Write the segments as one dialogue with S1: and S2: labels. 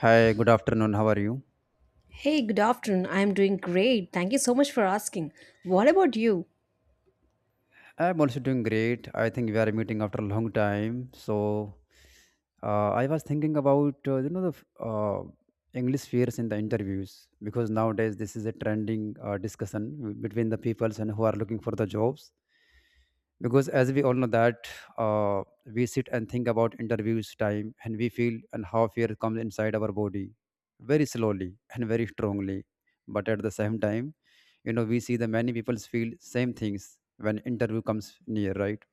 S1: Hi, good afternoon. How are you?
S2: Hey, good afternoon. I'm doing great. Thank you so much for asking. What about you?
S1: I'm also doing great. I think we are meeting after a long time. So, I was thinking about you know, English fears in the interviews because nowadays this is a trending discussion between the peoples and who are looking for the jobs. Because as we all know that, we sit and think about interviews time and we feel and how fear comes inside our body very slowly and very strongly, but at the same time, you know, we see the many people feel same things when interview comes near, right?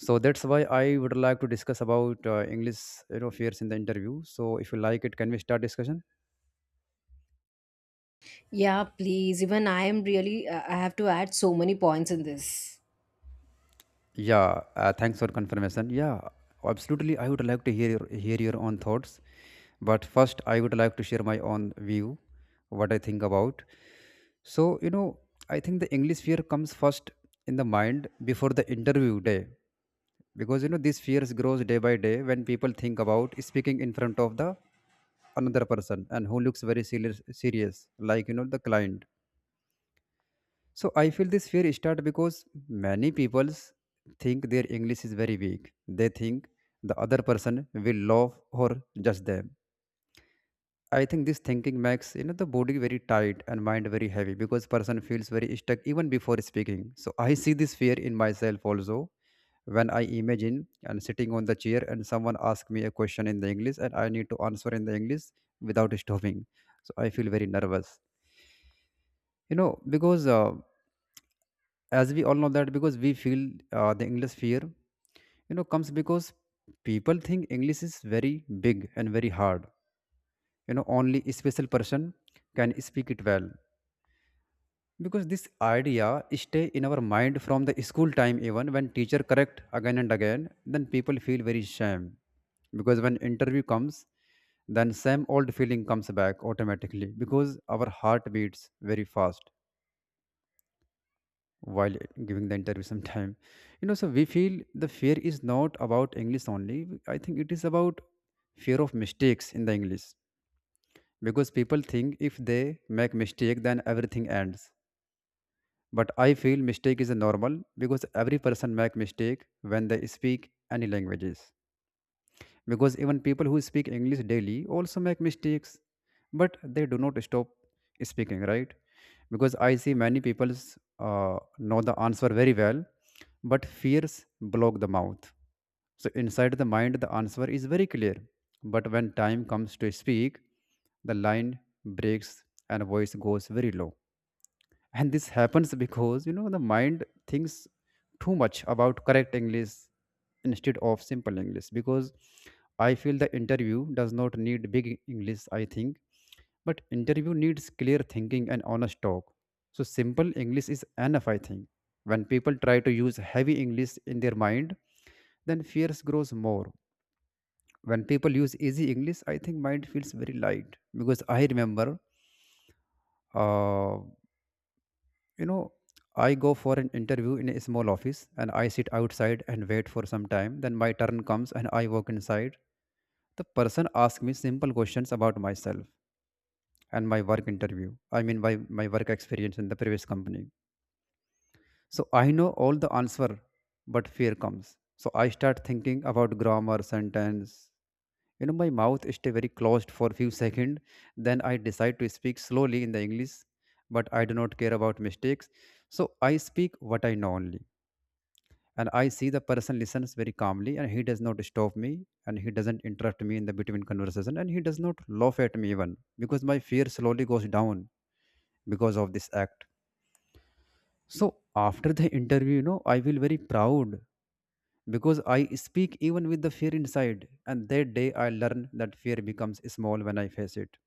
S1: So that's why I would like to discuss about english, you know, fears in the interview. So if you like it, can we start discussion?
S2: Yeah, please. Even I am really, I have to add so many points in this.
S1: Yeah, thanks for confirmation. Yeah, absolutely. I would like to hear hear your own thoughts, but first I would like to share my own view, what I think about. So you know, I think the english fear comes first in the mind before the interview day, because you know these fears grows day by day when people think about speaking in front of the another person and who looks very serious, like, you know, the client. So I feel this fear start because many people think their english is very weak. They think the other person will laugh or judge them. I think this thinking makes, you know, the body very tight and mind very heavy because person feels very stuck even before speaking. So I see this fear in myself also when I imagine and sitting on the chair and someone asks me a question in the english and I need to answer in the english without stopping. So I feel very nervous, you know, because as we all know that because we feel the english fear, you know, comes because people think english is very big and very hard. You know, only a special person can speak it well, because this idea stay in our mind from the school time even when teacher correct again and again. Then people feel very shame, because when interview comes, then same old feeling comes back automatically because our heart beats very fast while giving the interview sometime. You know, so we feel the fear is not about english only. I think it is about fear of mistakes in the english, because people think if they make mistake then everything ends. But I feel mistake is normal because every person make mistake when they speak any languages. Because even people who speak English daily also make mistakes, but they do not stop speaking, right? Because I see many people know the answer very well, but fears block the mouth. So inside the mind, the answer is very clear. But when time comes to speak, the line breaks and voice goes very low, and this happens because you know the mind thinks too much about correct english instead of simple english, because I feel the interview does not need big english, I think, but interview needs clear thinking and honest talk. So simple english is enough, I think. When people try to use heavy english in their mind, then fears grows more. When people use easy english, I think mind feels very light. Because I remember, uh, you know, I go for an interview in a small office and I sit outside and wait for some time, then my turn comes and I walk inside. The person asks me simple questions about myself and my work interview, I mean my work experience in the previous company. So I know all the answer, but fear comes, so I start thinking about grammar sentence. You know, my mouth stay very closed for few seconds, then I decide to speak slowly in the english, but I do not care about mistakes, so I speak what I know only. And I see the person listens very calmly and he does not stop me, and he doesn't interrupt me in the between conversation, and he does not laugh at me even, because my fear slowly goes down because of this act. So after the interview, you know, I feel very proud because I speak even with the fear inside, and that day I learn that fear becomes small when I face it.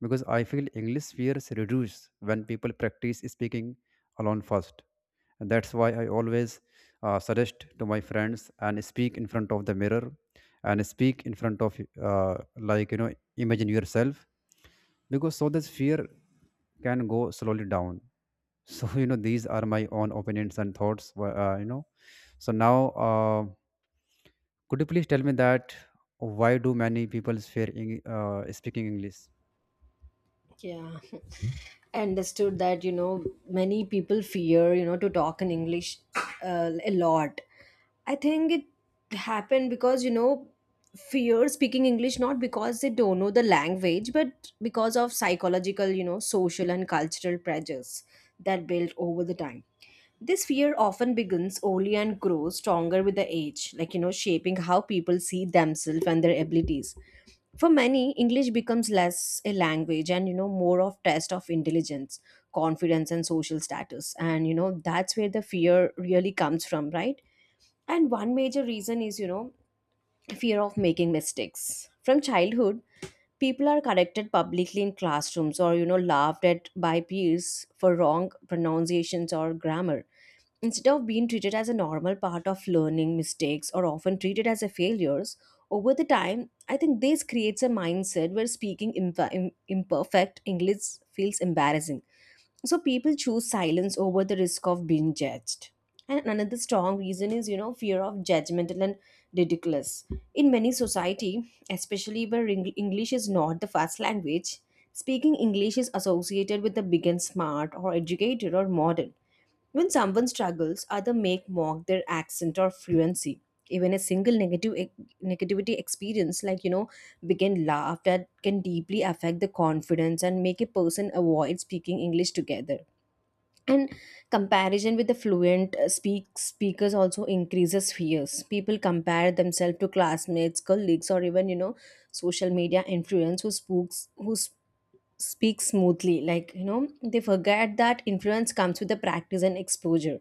S1: Because I feel English fears reduce when people practice speaking alone first. And that's why I always suggest to my friends and speak in front of the mirror and speak in front of like, you know, imagine yourself, because so this fear can go slowly down. So you know these are my own opinions and thoughts. So now, uh, could you please tell me that why do many people fear speaking English?
S2: Yeah. I understood that, you know, many people fear, you know, to talk in English a lot. I think it happened because, you know, fear speaking English not because they don't know the language, but because of psychological, you know, social and cultural pressures that built over the time. This fear often begins early and grows stronger with the age, like, you know, shaping how people see themselves and their abilities. For many, English becomes less a language and, you know, more of test of intelligence, confidence and social status, and, you know, that's where the fear really comes from, right? And one major reason is, you know, fear of making mistakes from childhood. People are corrected publicly in classrooms, or, you know, laughed at by peers for wrong pronunciations or grammar. Instead of being treated as a normal part of learning, mistakes are often treated as a failures. Over the time, I think this creates a mindset where speaking imperfect English feels embarrassing. So people choose silence over the risk of being judged. And another strong reason is, you know, fear of judgmental and ridiculous. In many society, especially where English is not the first language, speaking English is associated with the big and smart or educated or modern. When someone struggles, others make mock their accent or fluency. Even a single negative e, negativity experience, like, you know, begin laugh that can deeply affect the confidence and make a person avoid speaking English together. And comparison with the fluent speakers also increases fears. People compare themselves to classmates, colleagues, or even, you know, social media influence who speaks speak smoothly. Like, you know, they forget that influence comes with the practice and exposure.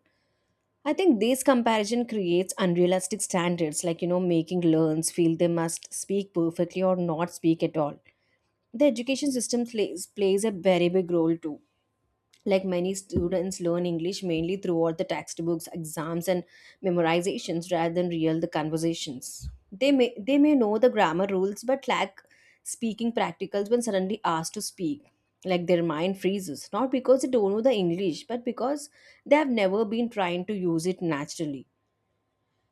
S2: I think this comparison creates unrealistic standards, like, you know, making learns feel they must speak perfectly or not speak at all. The education system plays a very big role too. Like, many students learn english mainly throughout the textbooks, exams and memorizations rather than real the conversations. They may know the grammar rules but lack speaking practicals. When suddenly asked to speak, like, their mind freezes, not because they don't know the english, but because they have never been trying to use it naturally.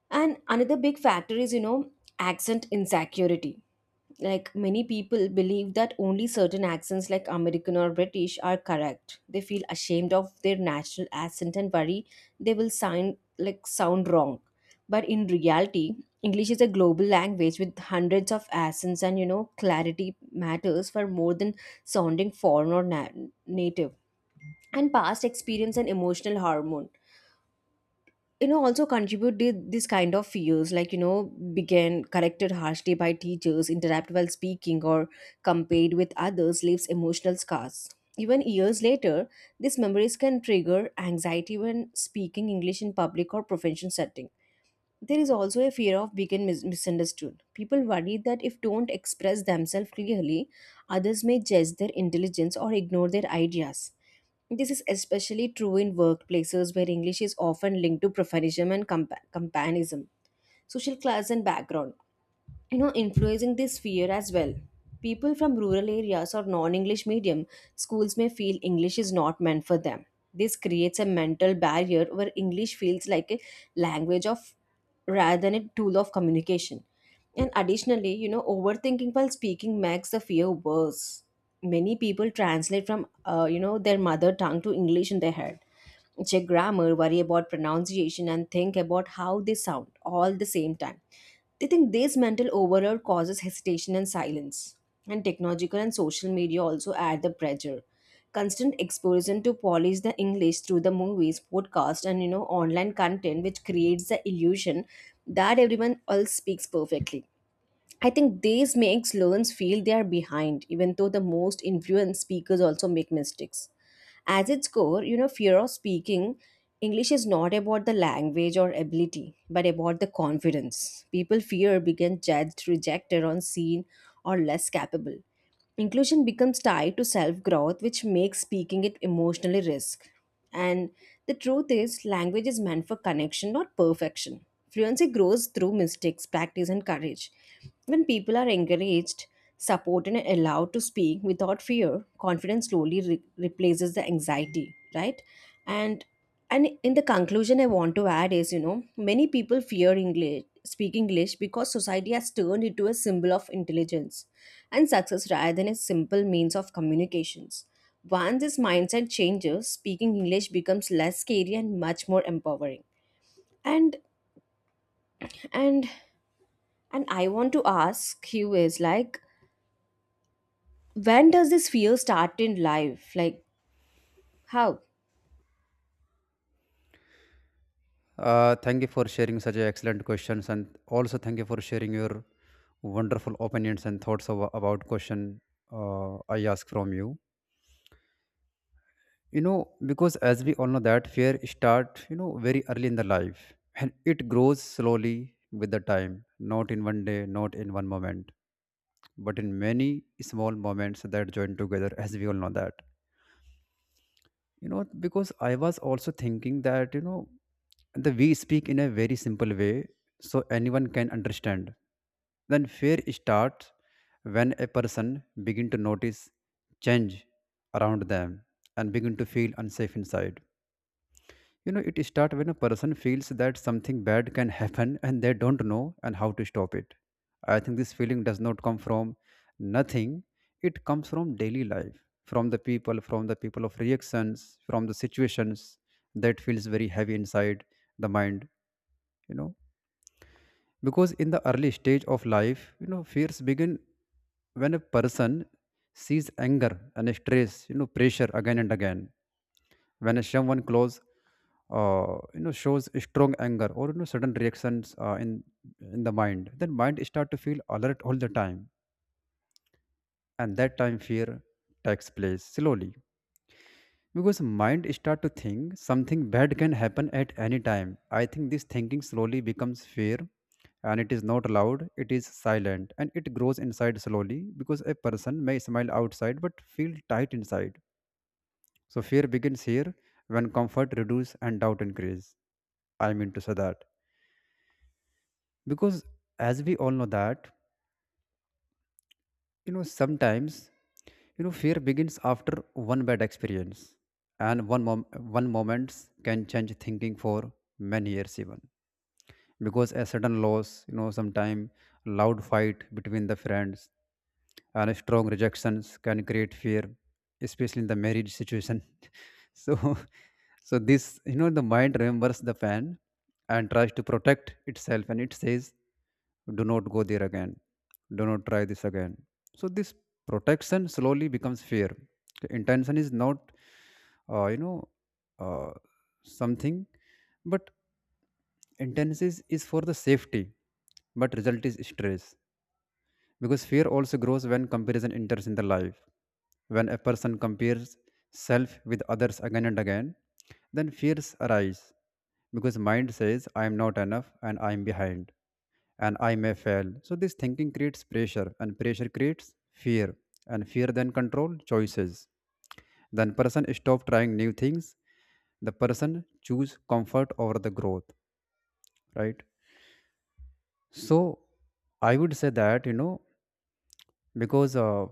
S2: And another big factor is, you know, accent insecurity. Like, many people believe that only certain accents, like American or British, are correct. They feel ashamed of their national accent and worry they will sound wrong. But in reality, English is a global language with hundreds of accents, and, you know, clarity matters for more than sounding foreign or native. And past experience and emotional hormone, you know, also contributed this kind of fears. Like, you know, began corrected harshly by teachers, interrupt while speaking or compared with others, leaves emotional scars. Even years later, these memories can trigger anxiety when speaking english in public or professional settings. There is also a fear of being misunderstood. People worry that if don't express themselves clearly, others may judge their intelligence or ignore their ideas. This is especially true in workplaces where English is often linked to professionalism and companism, social class, and background, you know, influencing this fear as well. People from rural areas or non-english medium schools may feel english is not meant for them. This creates a mental barrier where english feels like a language of rather than a tool of communication. And additionally, you know, overthinking while speaking makes the fear worse. Many people translate from you know, their mother tongue to english in their head, check grammar, worry about pronunciation, and think about how they sound all the same time. They think this mental overload causes hesitation and silence. And technological and social media also add the pressure. Constant exposure to polish the English through the movies, podcasts, and, you know, online content, which creates the illusion that everyone else speaks perfectly. I think this makes learners feel they are behind, even though the most influential speakers also make mistakes. As its core, you know, fear of speaking English is not about the language or ability, but about the confidence. People fear being judged, rejected, unseen, or less capable. Inclusion becomes tied to self growth, which makes speaking it emotionally risk. And the truth is, language is meant for connection, not perfection. Fluency grows through mistakes, practice, and courage. When people are encouraged, supported, and allowed to speak without fear, confidence slowly replaces the anxiety, right? And and in the conclusion, I want to add is, you know, many people fear English because society has turned into a symbol of intelligence and success rather than a simple means of communications. Once this mindset changes, speaking English becomes less scary and much more empowering. And and and I want to ask you is, like, when does this fear start in life? Like, how?
S1: Thank you for sharing such a excellent questions, and also thank you for sharing your wonderful opinions and thoughts about question I ask from you. You know, because as we all know that fear start, you know, very early in the life, and it grows slowly with the time, not in one day, not in one moment, but in many small moments that join together, as we all know that. You know, because I was also thinking that, you know, the we speak in a very simple way so anyone can understand. Then fear starts when a person begin to notice change around them and begin to feel unsafe inside. You know, it starts when a person feels that something bad can happen and they don't know and how to stop it. I think this feeling does not come from nothing. It comes from daily life, from the people, from the people of reactions, from the situations that feels very heavy inside the mind. You know, because in the early stage of life, you know, fears begin when a person sees anger and stress, you know, pressure again and again. When someone close, you know, shows strong anger or, you know, sudden reactions, in the mind, then mind start to feel alert all the time, and that time fear takes place slowly because mind start to think something bad can happen at any time. I think this thinking slowly becomes fear, and it is not loud, it is silent, and it grows inside slowly because a person may smile outside but feel tight inside. So fear begins here when comfort reduces and doubt increase. I mean to say that, because as we all know that, you know, sometimes, you know, fear begins after one bad experience, and one moment can change thinking for many years even, because a sudden loss, you know, sometime loud fight between the friends and strong rejections can create fear, especially in the marriage situation. So, so this, you know, the mind remembers the pain and tries to protect itself, and it says, "Do not go there again. Do not try this again." So this protection slowly becomes fear. Okay, Intention is not, uh, you know, uh, something, but Intensive is for the safety, but result is stress. Because fear also grows when comparison enters in the life. When a person compares self with others again and again, then fears arise because mind says I am not enough and I am behind and I may fail. So this thinking creates pressure and pressure creates fear, and fear then control choices. Then person stop trying new things. The person choose comfort over the growth, right? So I would say that, you know, because uh,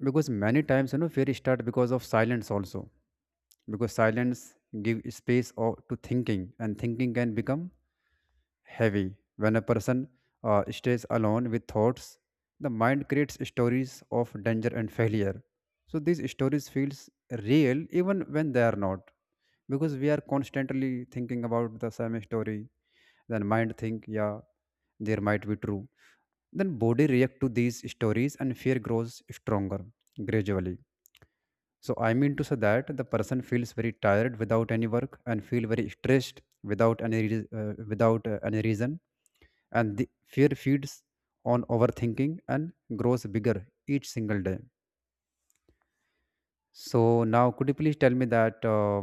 S1: because many times, you know, fear start because of silence also, because silence give space or to thinking, and thinking can become heavy when a person stays alone with thoughts. The mind creates stories of danger and failure, so these stories feels real even when they are not. Because we are constantly thinking about the same story, then mind think, yeah, there might be true. Then body react to these stories and fear grows stronger gradually. So I mean to say that the person feels very tired without any work and feel very stressed without any reas- without any reason, and the fear feeds on overthinking and grows bigger each single day. So now could you please tell me that,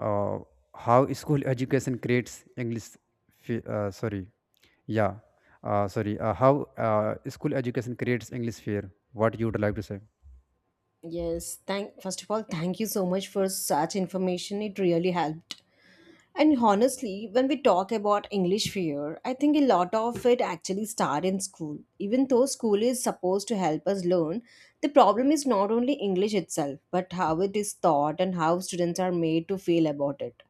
S1: uh, how school education creates english sorry. Yeah, sorry, how school education creates english fear, what you would like to say?
S2: Yes, thank first of all, thank you so much for such information. It really helped. And honestly, when we talk about English fear, I think a lot of it actually starts in school. Even though school is supposed to help us learn, the problem is not only English itself, but how it is taught and how students are made to feel about it.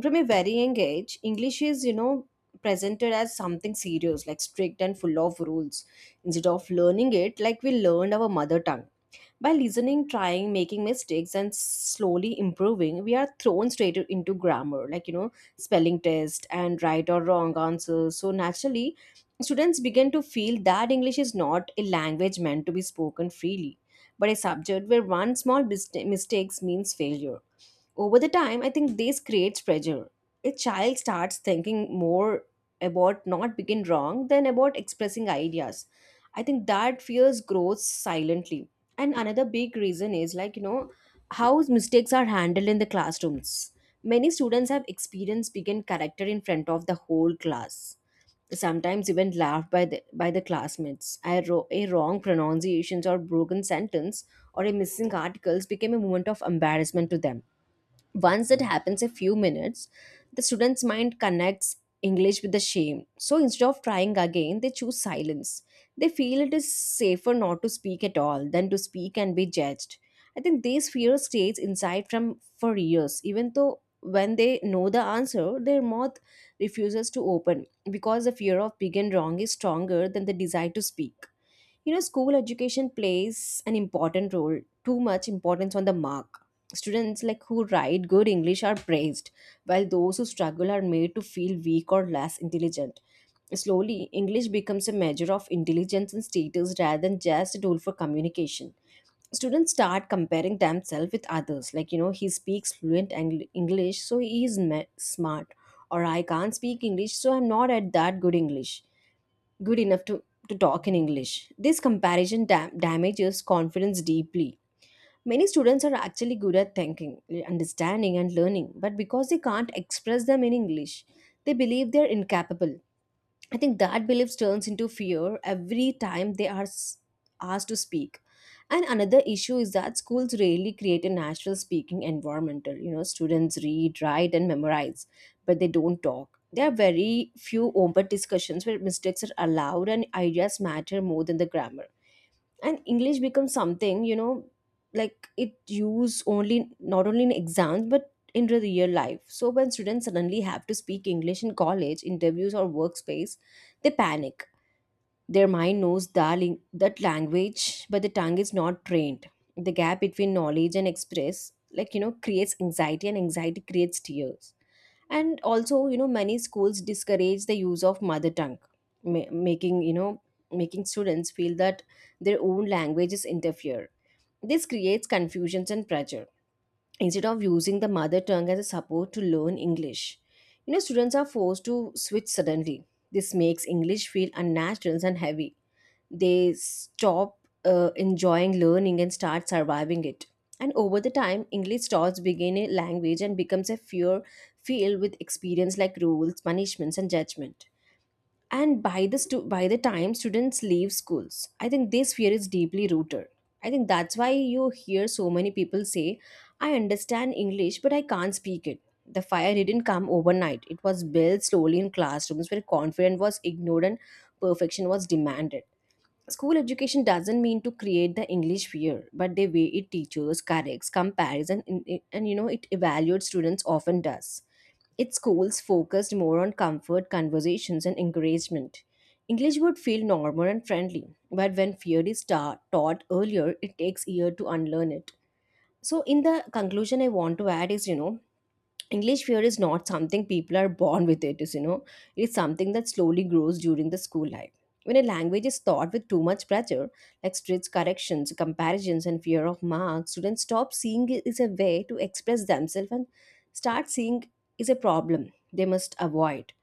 S2: From a very young age, English is, you know, presented as something serious, like strict and full of rules, instead of learning it like we learned our mother tongue. By listening, trying, making mistakes, and slowly improving, we are thrown straight into grammar, like, you know, spelling test and right or wrong answers. So naturally, students begin to feel that English is not a language meant to be spoken freely, but a subject where one small mistakes means failure. Over the time, I think this creates pressure. A child starts thinking more about not being wrong than about expressing ideas. I think that fears grows silently. And another big reason is, like, you know, how mistakes are handled in the classrooms. Many students have experienced being character in front of the whole class, sometimes even laughed by the classmates. I wrote a wrong pronunciations or broken sentence or a missing articles became a moment of embarrassment to them. Once that happens a few minutes, the student's mind connects English with the shame. So instead of trying again, they choose silence. They feel it is safer not to speak at all than to speak and be judged. I think this fear stays inside from for years, even though when they know the answer, their mouth refuses to open because the fear of being wrong is stronger than the desire to speak. You know, school education plays an important role, too much importance on the mark. Students like who write good English are praised, while those who struggle are made to feel weak or less intelligent. Slowly, English becomes a measure of intelligence and status rather than just a tool for communication. Students start comparing themselves with others, like, you know, he speaks fluent English, so he is smart, or I can't speak English, so I'm not at that good English good enough to talk in English. This comparison damages confidence deeply. Many students are actually good at thinking, understanding, and learning, but because they can't express them in English, they believe they're incapable. I think that belief turns into fear every time they are asked to speak. And another issue is that schools rarely create a natural speaking environment. You know, students read, write, and memorize, but they don't talk. There are very few open discussions where mistakes are allowed and ideas matter more than the grammar. And english becomes something, you know, like it used only not only in exams but in the real life. So when students suddenly have to speak english in college interviews or workspace, they panic. Their mind knows that, that language, but the tongue is not trained. The gap between knowledge and express, like, you know, creates anxiety, and anxiety creates tears. And also, you know, many schools discourage the use of mother tongue, making, you know, making students feel that their own languages interfere. This creates confusions and pressure. Instead of using the mother tongue as a support to learn English, you know, students are forced to switch suddenly. This makes English feel unnatural and heavy, they stop enjoying learning and start surviving it. And over the time, English starts being a language and becomes a fear field with experience like rules, punishments, and judgment. And by the by the time students leave schools, I think this fear is deeply rooted. I think that's why you hear so many people say I understand English but I can't speak it. The fire didn't come overnight, it was built slowly in classrooms where confidence was ignored and perfection was demanded. School education doesn't mean to create the English fear, but the way it teaches, corrects, compares, and it evaluates students often does. Its schools focused more on comfort, conversations, and encouragement. English would feel normal and friendly, but when fear is taught earlier, it takes years to unlearn it. So, in the conclusion, I want to add is, English fear is not something people are born with, it is, it's something that slowly grows during the school life. When a language is taught with too much pressure, like strict corrections, comparisons, and fear of marks, students stop seeing it is a way to express themselves and start seeing is a problem they must avoid.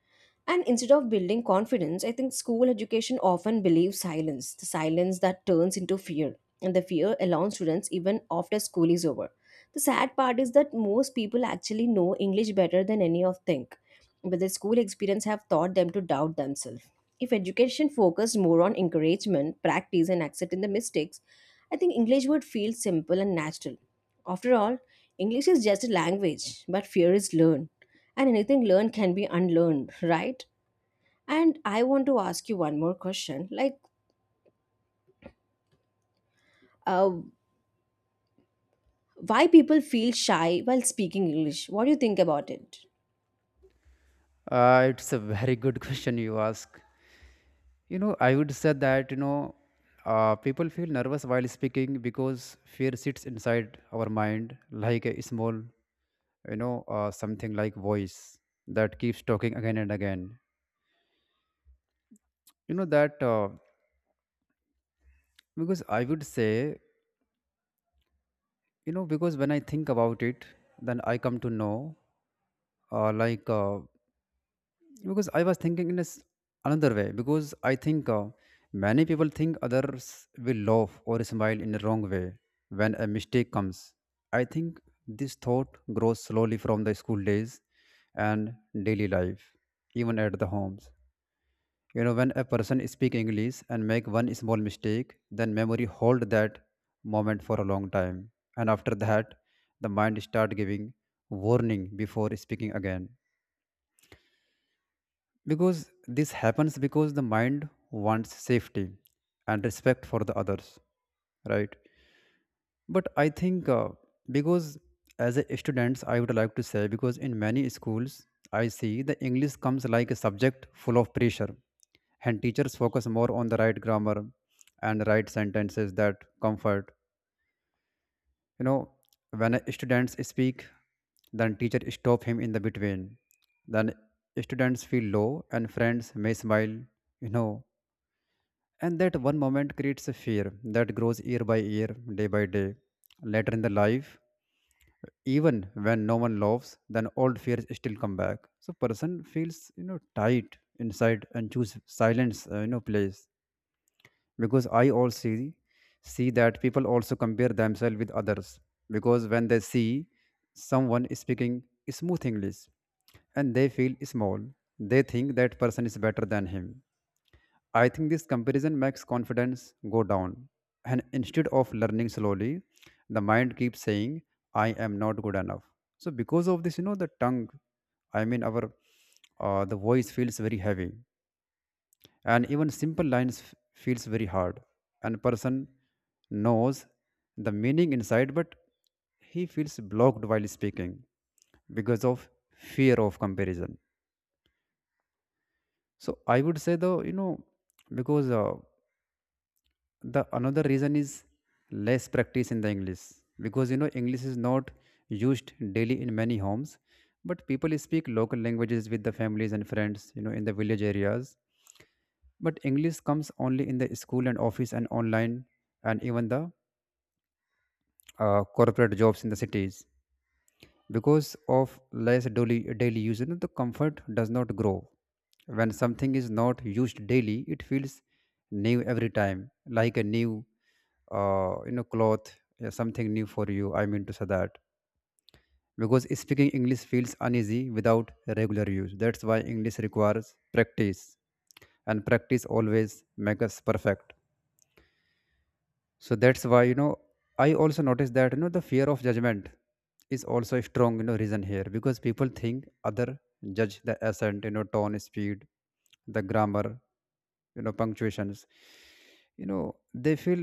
S2: And instead of building confidence, I think school education often believes silence, the silence that turns into fear. And the fear allows students even after school is over. The sad part is that most people actually know English better than any of think, but the school experience have taught them to doubt themselves. If education focused more on encouragement, practice, and accepting the mistakes, I think English would feel simple and natural. After all, English is just a language, but fear is learned. And anything learned can be unlearned, right? And I want to ask you one more question, like uh, why people feel shy while speaking English? What do you think about it?
S1: It's a very good question you ask. You know, I would say that, you know, people feel nervous while speaking because fear sits inside our mind like a small, you know, something like voice that keeps talking again and again. You know, that because I would say, because when I think about it, then I come to know, uh, like, uh, because I was thinking in this another way because I think many people think others will laugh or smile in the wrong way when a mistake comes. I think this thought grows slowly from the school days and daily life, even at the homes. You know, when a person speak english and make one small mistake, then memory hold that moment for a long time. And after that, the mind start giving warning before speaking again. Because this happens because the mind wants safety and respect for the others, right? But I think because as a students, I would like to say, because in many schools, I see the English comes like a subject full of pressure, and teachers focus more on the right grammar and right sentences that comfort. You know, when a students speak, then teacher stop him in the between. Then students feel low and friends may smile, you know. And that one moment creates a fear that grows year by year, day by day. Later in the life, even when no one laughs, then old fears still come back. So person feels, you know, tight inside and choose silence, you know, place. Because I also see that people also compare themselves with others, because when they see someone speaking smooth english and they feel small, they think that person is better than him. I think this comparison makes confidence go down, and instead of learning slowly, the mind keeps saying I am not good enough. So because of this, you know, the tongue, I mean our, the voice feels very heavy, and even simple lines feels very hard, and person knows the meaning inside, but he feels blocked while speaking because of fear of comparison. So I would say though, you know, because the another reason is less practice in the english, because you know english is not used daily in many homes, but people speak local languages with the families and friends, you know, in the village areas. But English comes only in the school and office and online, and even the corporate jobs in the cities. Because of less daily use, you know, the comfort does not grow. When something is not used daily, it feels new every time, like a new, you know, cloth, yeah, something new for you. I mean to say that because speaking English feels uneasy without regular use. That's why English requires practice, and practice always makes us perfect. So that's why, you know, I also noticed that, you know, the fear of judgment is also a strong, you know, reason here, because people think other judge the accent, you know, tone, speed, the grammar, you know, punctuations, you know, they feel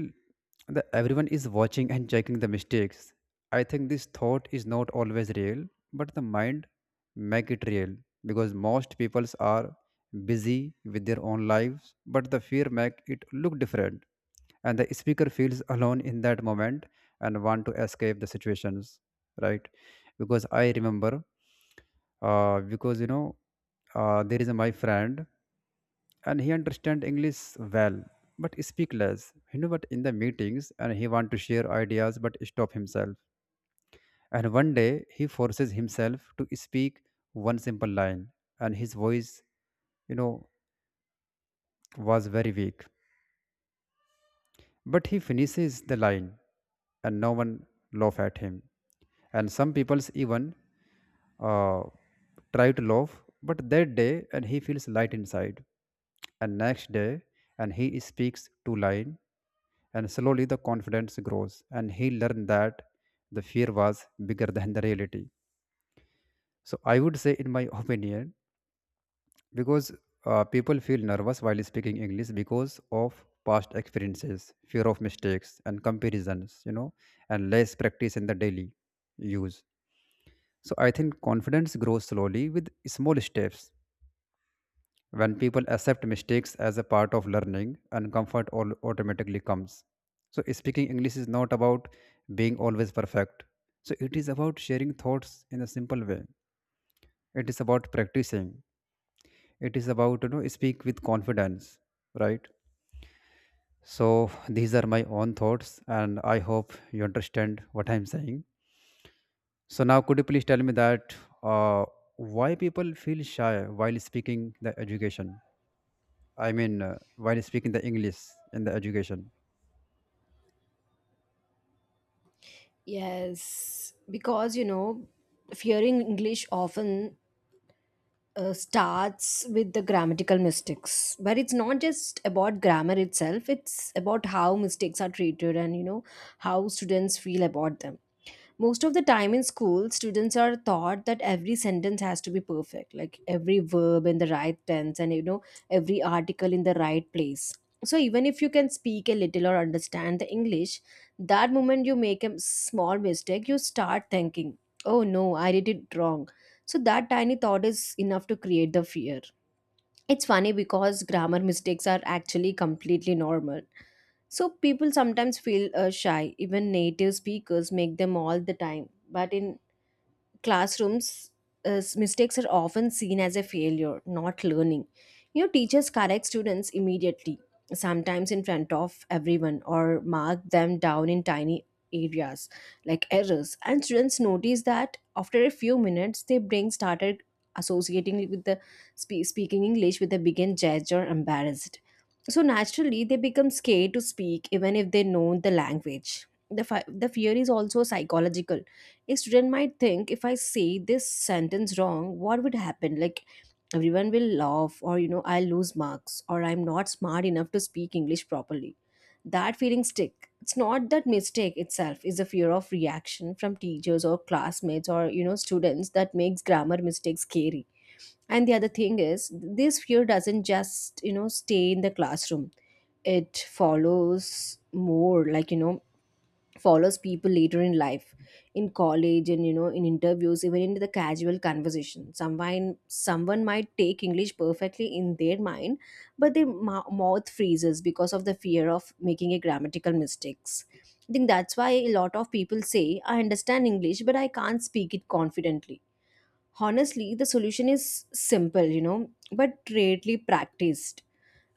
S1: that everyone is watching and checking the mistakes. I think this thought is not always real, but the mind make it real, because most peoples are busy with their own lives, but the fear make it look different, and the speaker feels alone in that moment and want to escape the situations, right? Because i remember, because you know there is a, my friend, and he understand english well but speak less, you know, but in the meetings, and he want to share ideas but stop himself. And one day he forces himself to speak one simple line, and his voice, you know, was very weak. But he finishes the line and no one laugh at him. And some people even uh, try to laugh, but that day and he feels light inside. And next day and he speaks two line, and slowly the confidence grows, and he learned that the fear was bigger than the reality. So I would say in my opinion, because people feel nervous while speaking english because of past experiences, fear of mistakes and comparisons, you know, and less practice in the daily use. So I think confidence grows slowly with small steps. When people accept mistakes as a part of learning, and comfort all automatically comes. So speaking english is not about being always perfect, so it is about sharing thoughts in a simple way. It is about practicing, it is about, you know, speak with confidence, right? So these are my own thoughts, and I hope you understand what I'm saying. So now, could you please tell me that uh, why people feel shy while speaking the education? I mean, while speaking the English in the education.
S2: Yes, because you know, fearing English often starts with the grammatical mistakes, but it's not just about grammar itself, it's about how mistakes are treated and, you know, how students feel about them. Most of the time in school, students are taught that every sentence has to be perfect, like every verb in the right tense and, you know, every article in the right place. So even if you can speak a little or understand the English, that moment you make a small mistake, you start thinking, oh no, I did it wrong. So that tiny thought is enough to create the fear. It's funny because grammar mistakes are actually completely normal, so people sometimes feel shy, even native speakers make them all the time. But in classrooms, is mistakes are often seen as a failure, not learning. You know, teachers correct students immediately, sometimes in front of everyone, or mark them down in tiny areas like errors. And students notice that after a few minutes, they bring started associating it with the speaking English with a begin judge or embarrassed. So naturally, they become scared to speak even if they know the language. The, the fear is also psychological. A student might think, if I say this sentence wrong, what would happen, like everyone will laugh, or you know, I'll lose marks, or I'm not smart enough to speak English properly. That feeling stick, it's not that mistake itself, is the fear of reaction from teachers or classmates or, you know, students that makes grammar mistakes scary. And the other thing is, this fear doesn't just, you know, stay in the classroom, it follows, more like, you know, follows people later in life, in college and, you know, in interviews, even in the casual conversation. Someone, might take English perfectly in their mind, but their mouth freezes because of the fear of making a grammatical mistakes. I think that's why a lot of people say I understand English but I can't speak it confidently. Honestly, the solution is simple, you know, but rarely practiced.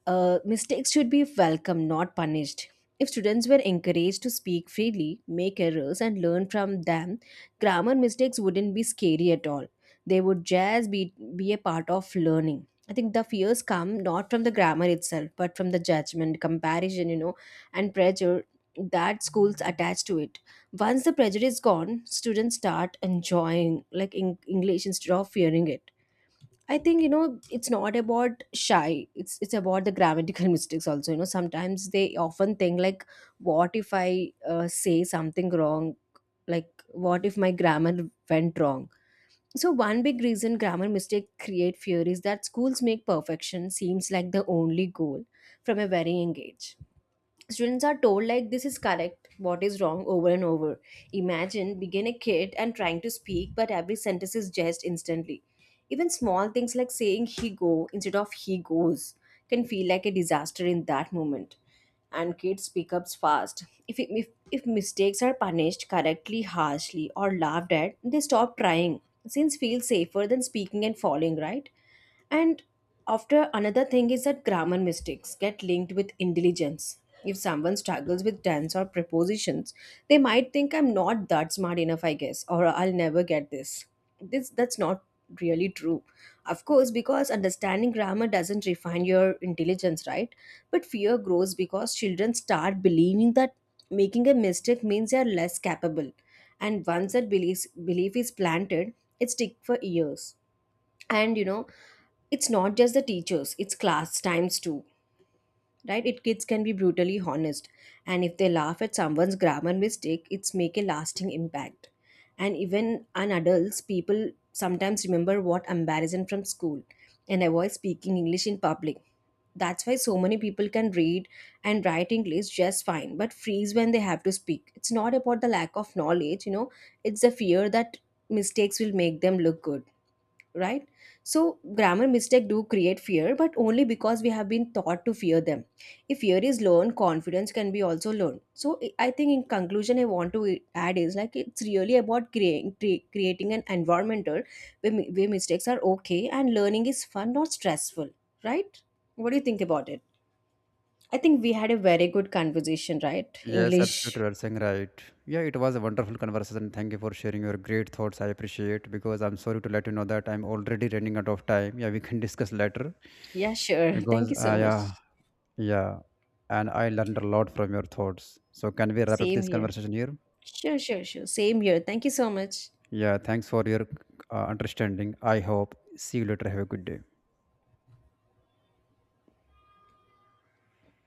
S2: Uh, mistakes should be welcome, not punished. If students were encouraged to speak freely, make errors, and learn from them, grammar mistakes wouldn't be scary at all. They would just be a part of learning. I think the fears come not from the grammar itself, but from the judgment, comparison, you know, and pressure that schools attach to it. Once the pressure is gone, students start enjoying like English instead of fearing it. I think, you know, it's not about shy. It's about the grammatical mistakes also. You know, sometimes they often think like, what if I say something wrong? Like what if my grammar went wrong? So one big reason grammar mistake create fear is that schools make perfection seems like the only goal. From a very young age, students are told like this is correct, what is wrong, over and over. Imagine being a kid and trying to speak, but every sentence is judged instantly. Even small things like saying he go instead of he goes can feel like a disaster in that moment. And kids pick up fast. If mistakes are punished correctly, harshly, or laughed at, they stop trying. Since feels safer than speaking and falling, right? And after another thing is that grammar mistakes get linked with intelligence. If someone struggles with tense or prepositions, they might think I'm not that smart enough, I guess, or I'll never get this. This, that's not really true. Of course, because understanding grammar doesn't refine your intelligence, right? But fear grows because children start believing that making a mistake means they are less capable. And once that belief is planted, it sticks for years. And you know, it's not just the teachers, it's class times too, right? It kids can be brutally honest, and if they laugh at someone's grammar mistake, it's make a lasting impact. And even on adults, people sometimes remember what embarrassing from school and avoid speaking English in public. That's why so many people can read and write English just fine, but freeze when they have to speak. It's not about the lack of knowledge, you know, it's the fear that mistakes will make them look good, right? So grammar mistake do create fear, but only because we have been taught to fear them. If fear is learned, confidence can be also learned. So I think in conclusion I want to add is like it's really about creating an environmental where, where mistakes are okay and learning is fun, not stressful, right? What do you think about it? I think we had a very good conversation, right?
S1: Yes,
S2: English,
S1: absolutely. You're saying right. Yeah, it was a wonderful conversation. Thank you for sharing your great thoughts. I appreciate because I'm sorry to let you know that I'm already running out of time. Yeah, we can discuss later,
S2: yeah, sure, thank
S1: because
S2: you
S1: uh,
S2: so much.
S1: yeah, Yeah, and I learned a lot from your thoughts. So, can we wrap up
S2: Same
S1: this
S2: here.
S1: conversation here?
S2: Sure, sure, sure, same here, thank you so much.
S1: Yeah, thanks for your understanding. I hope. See you later. Have a good day.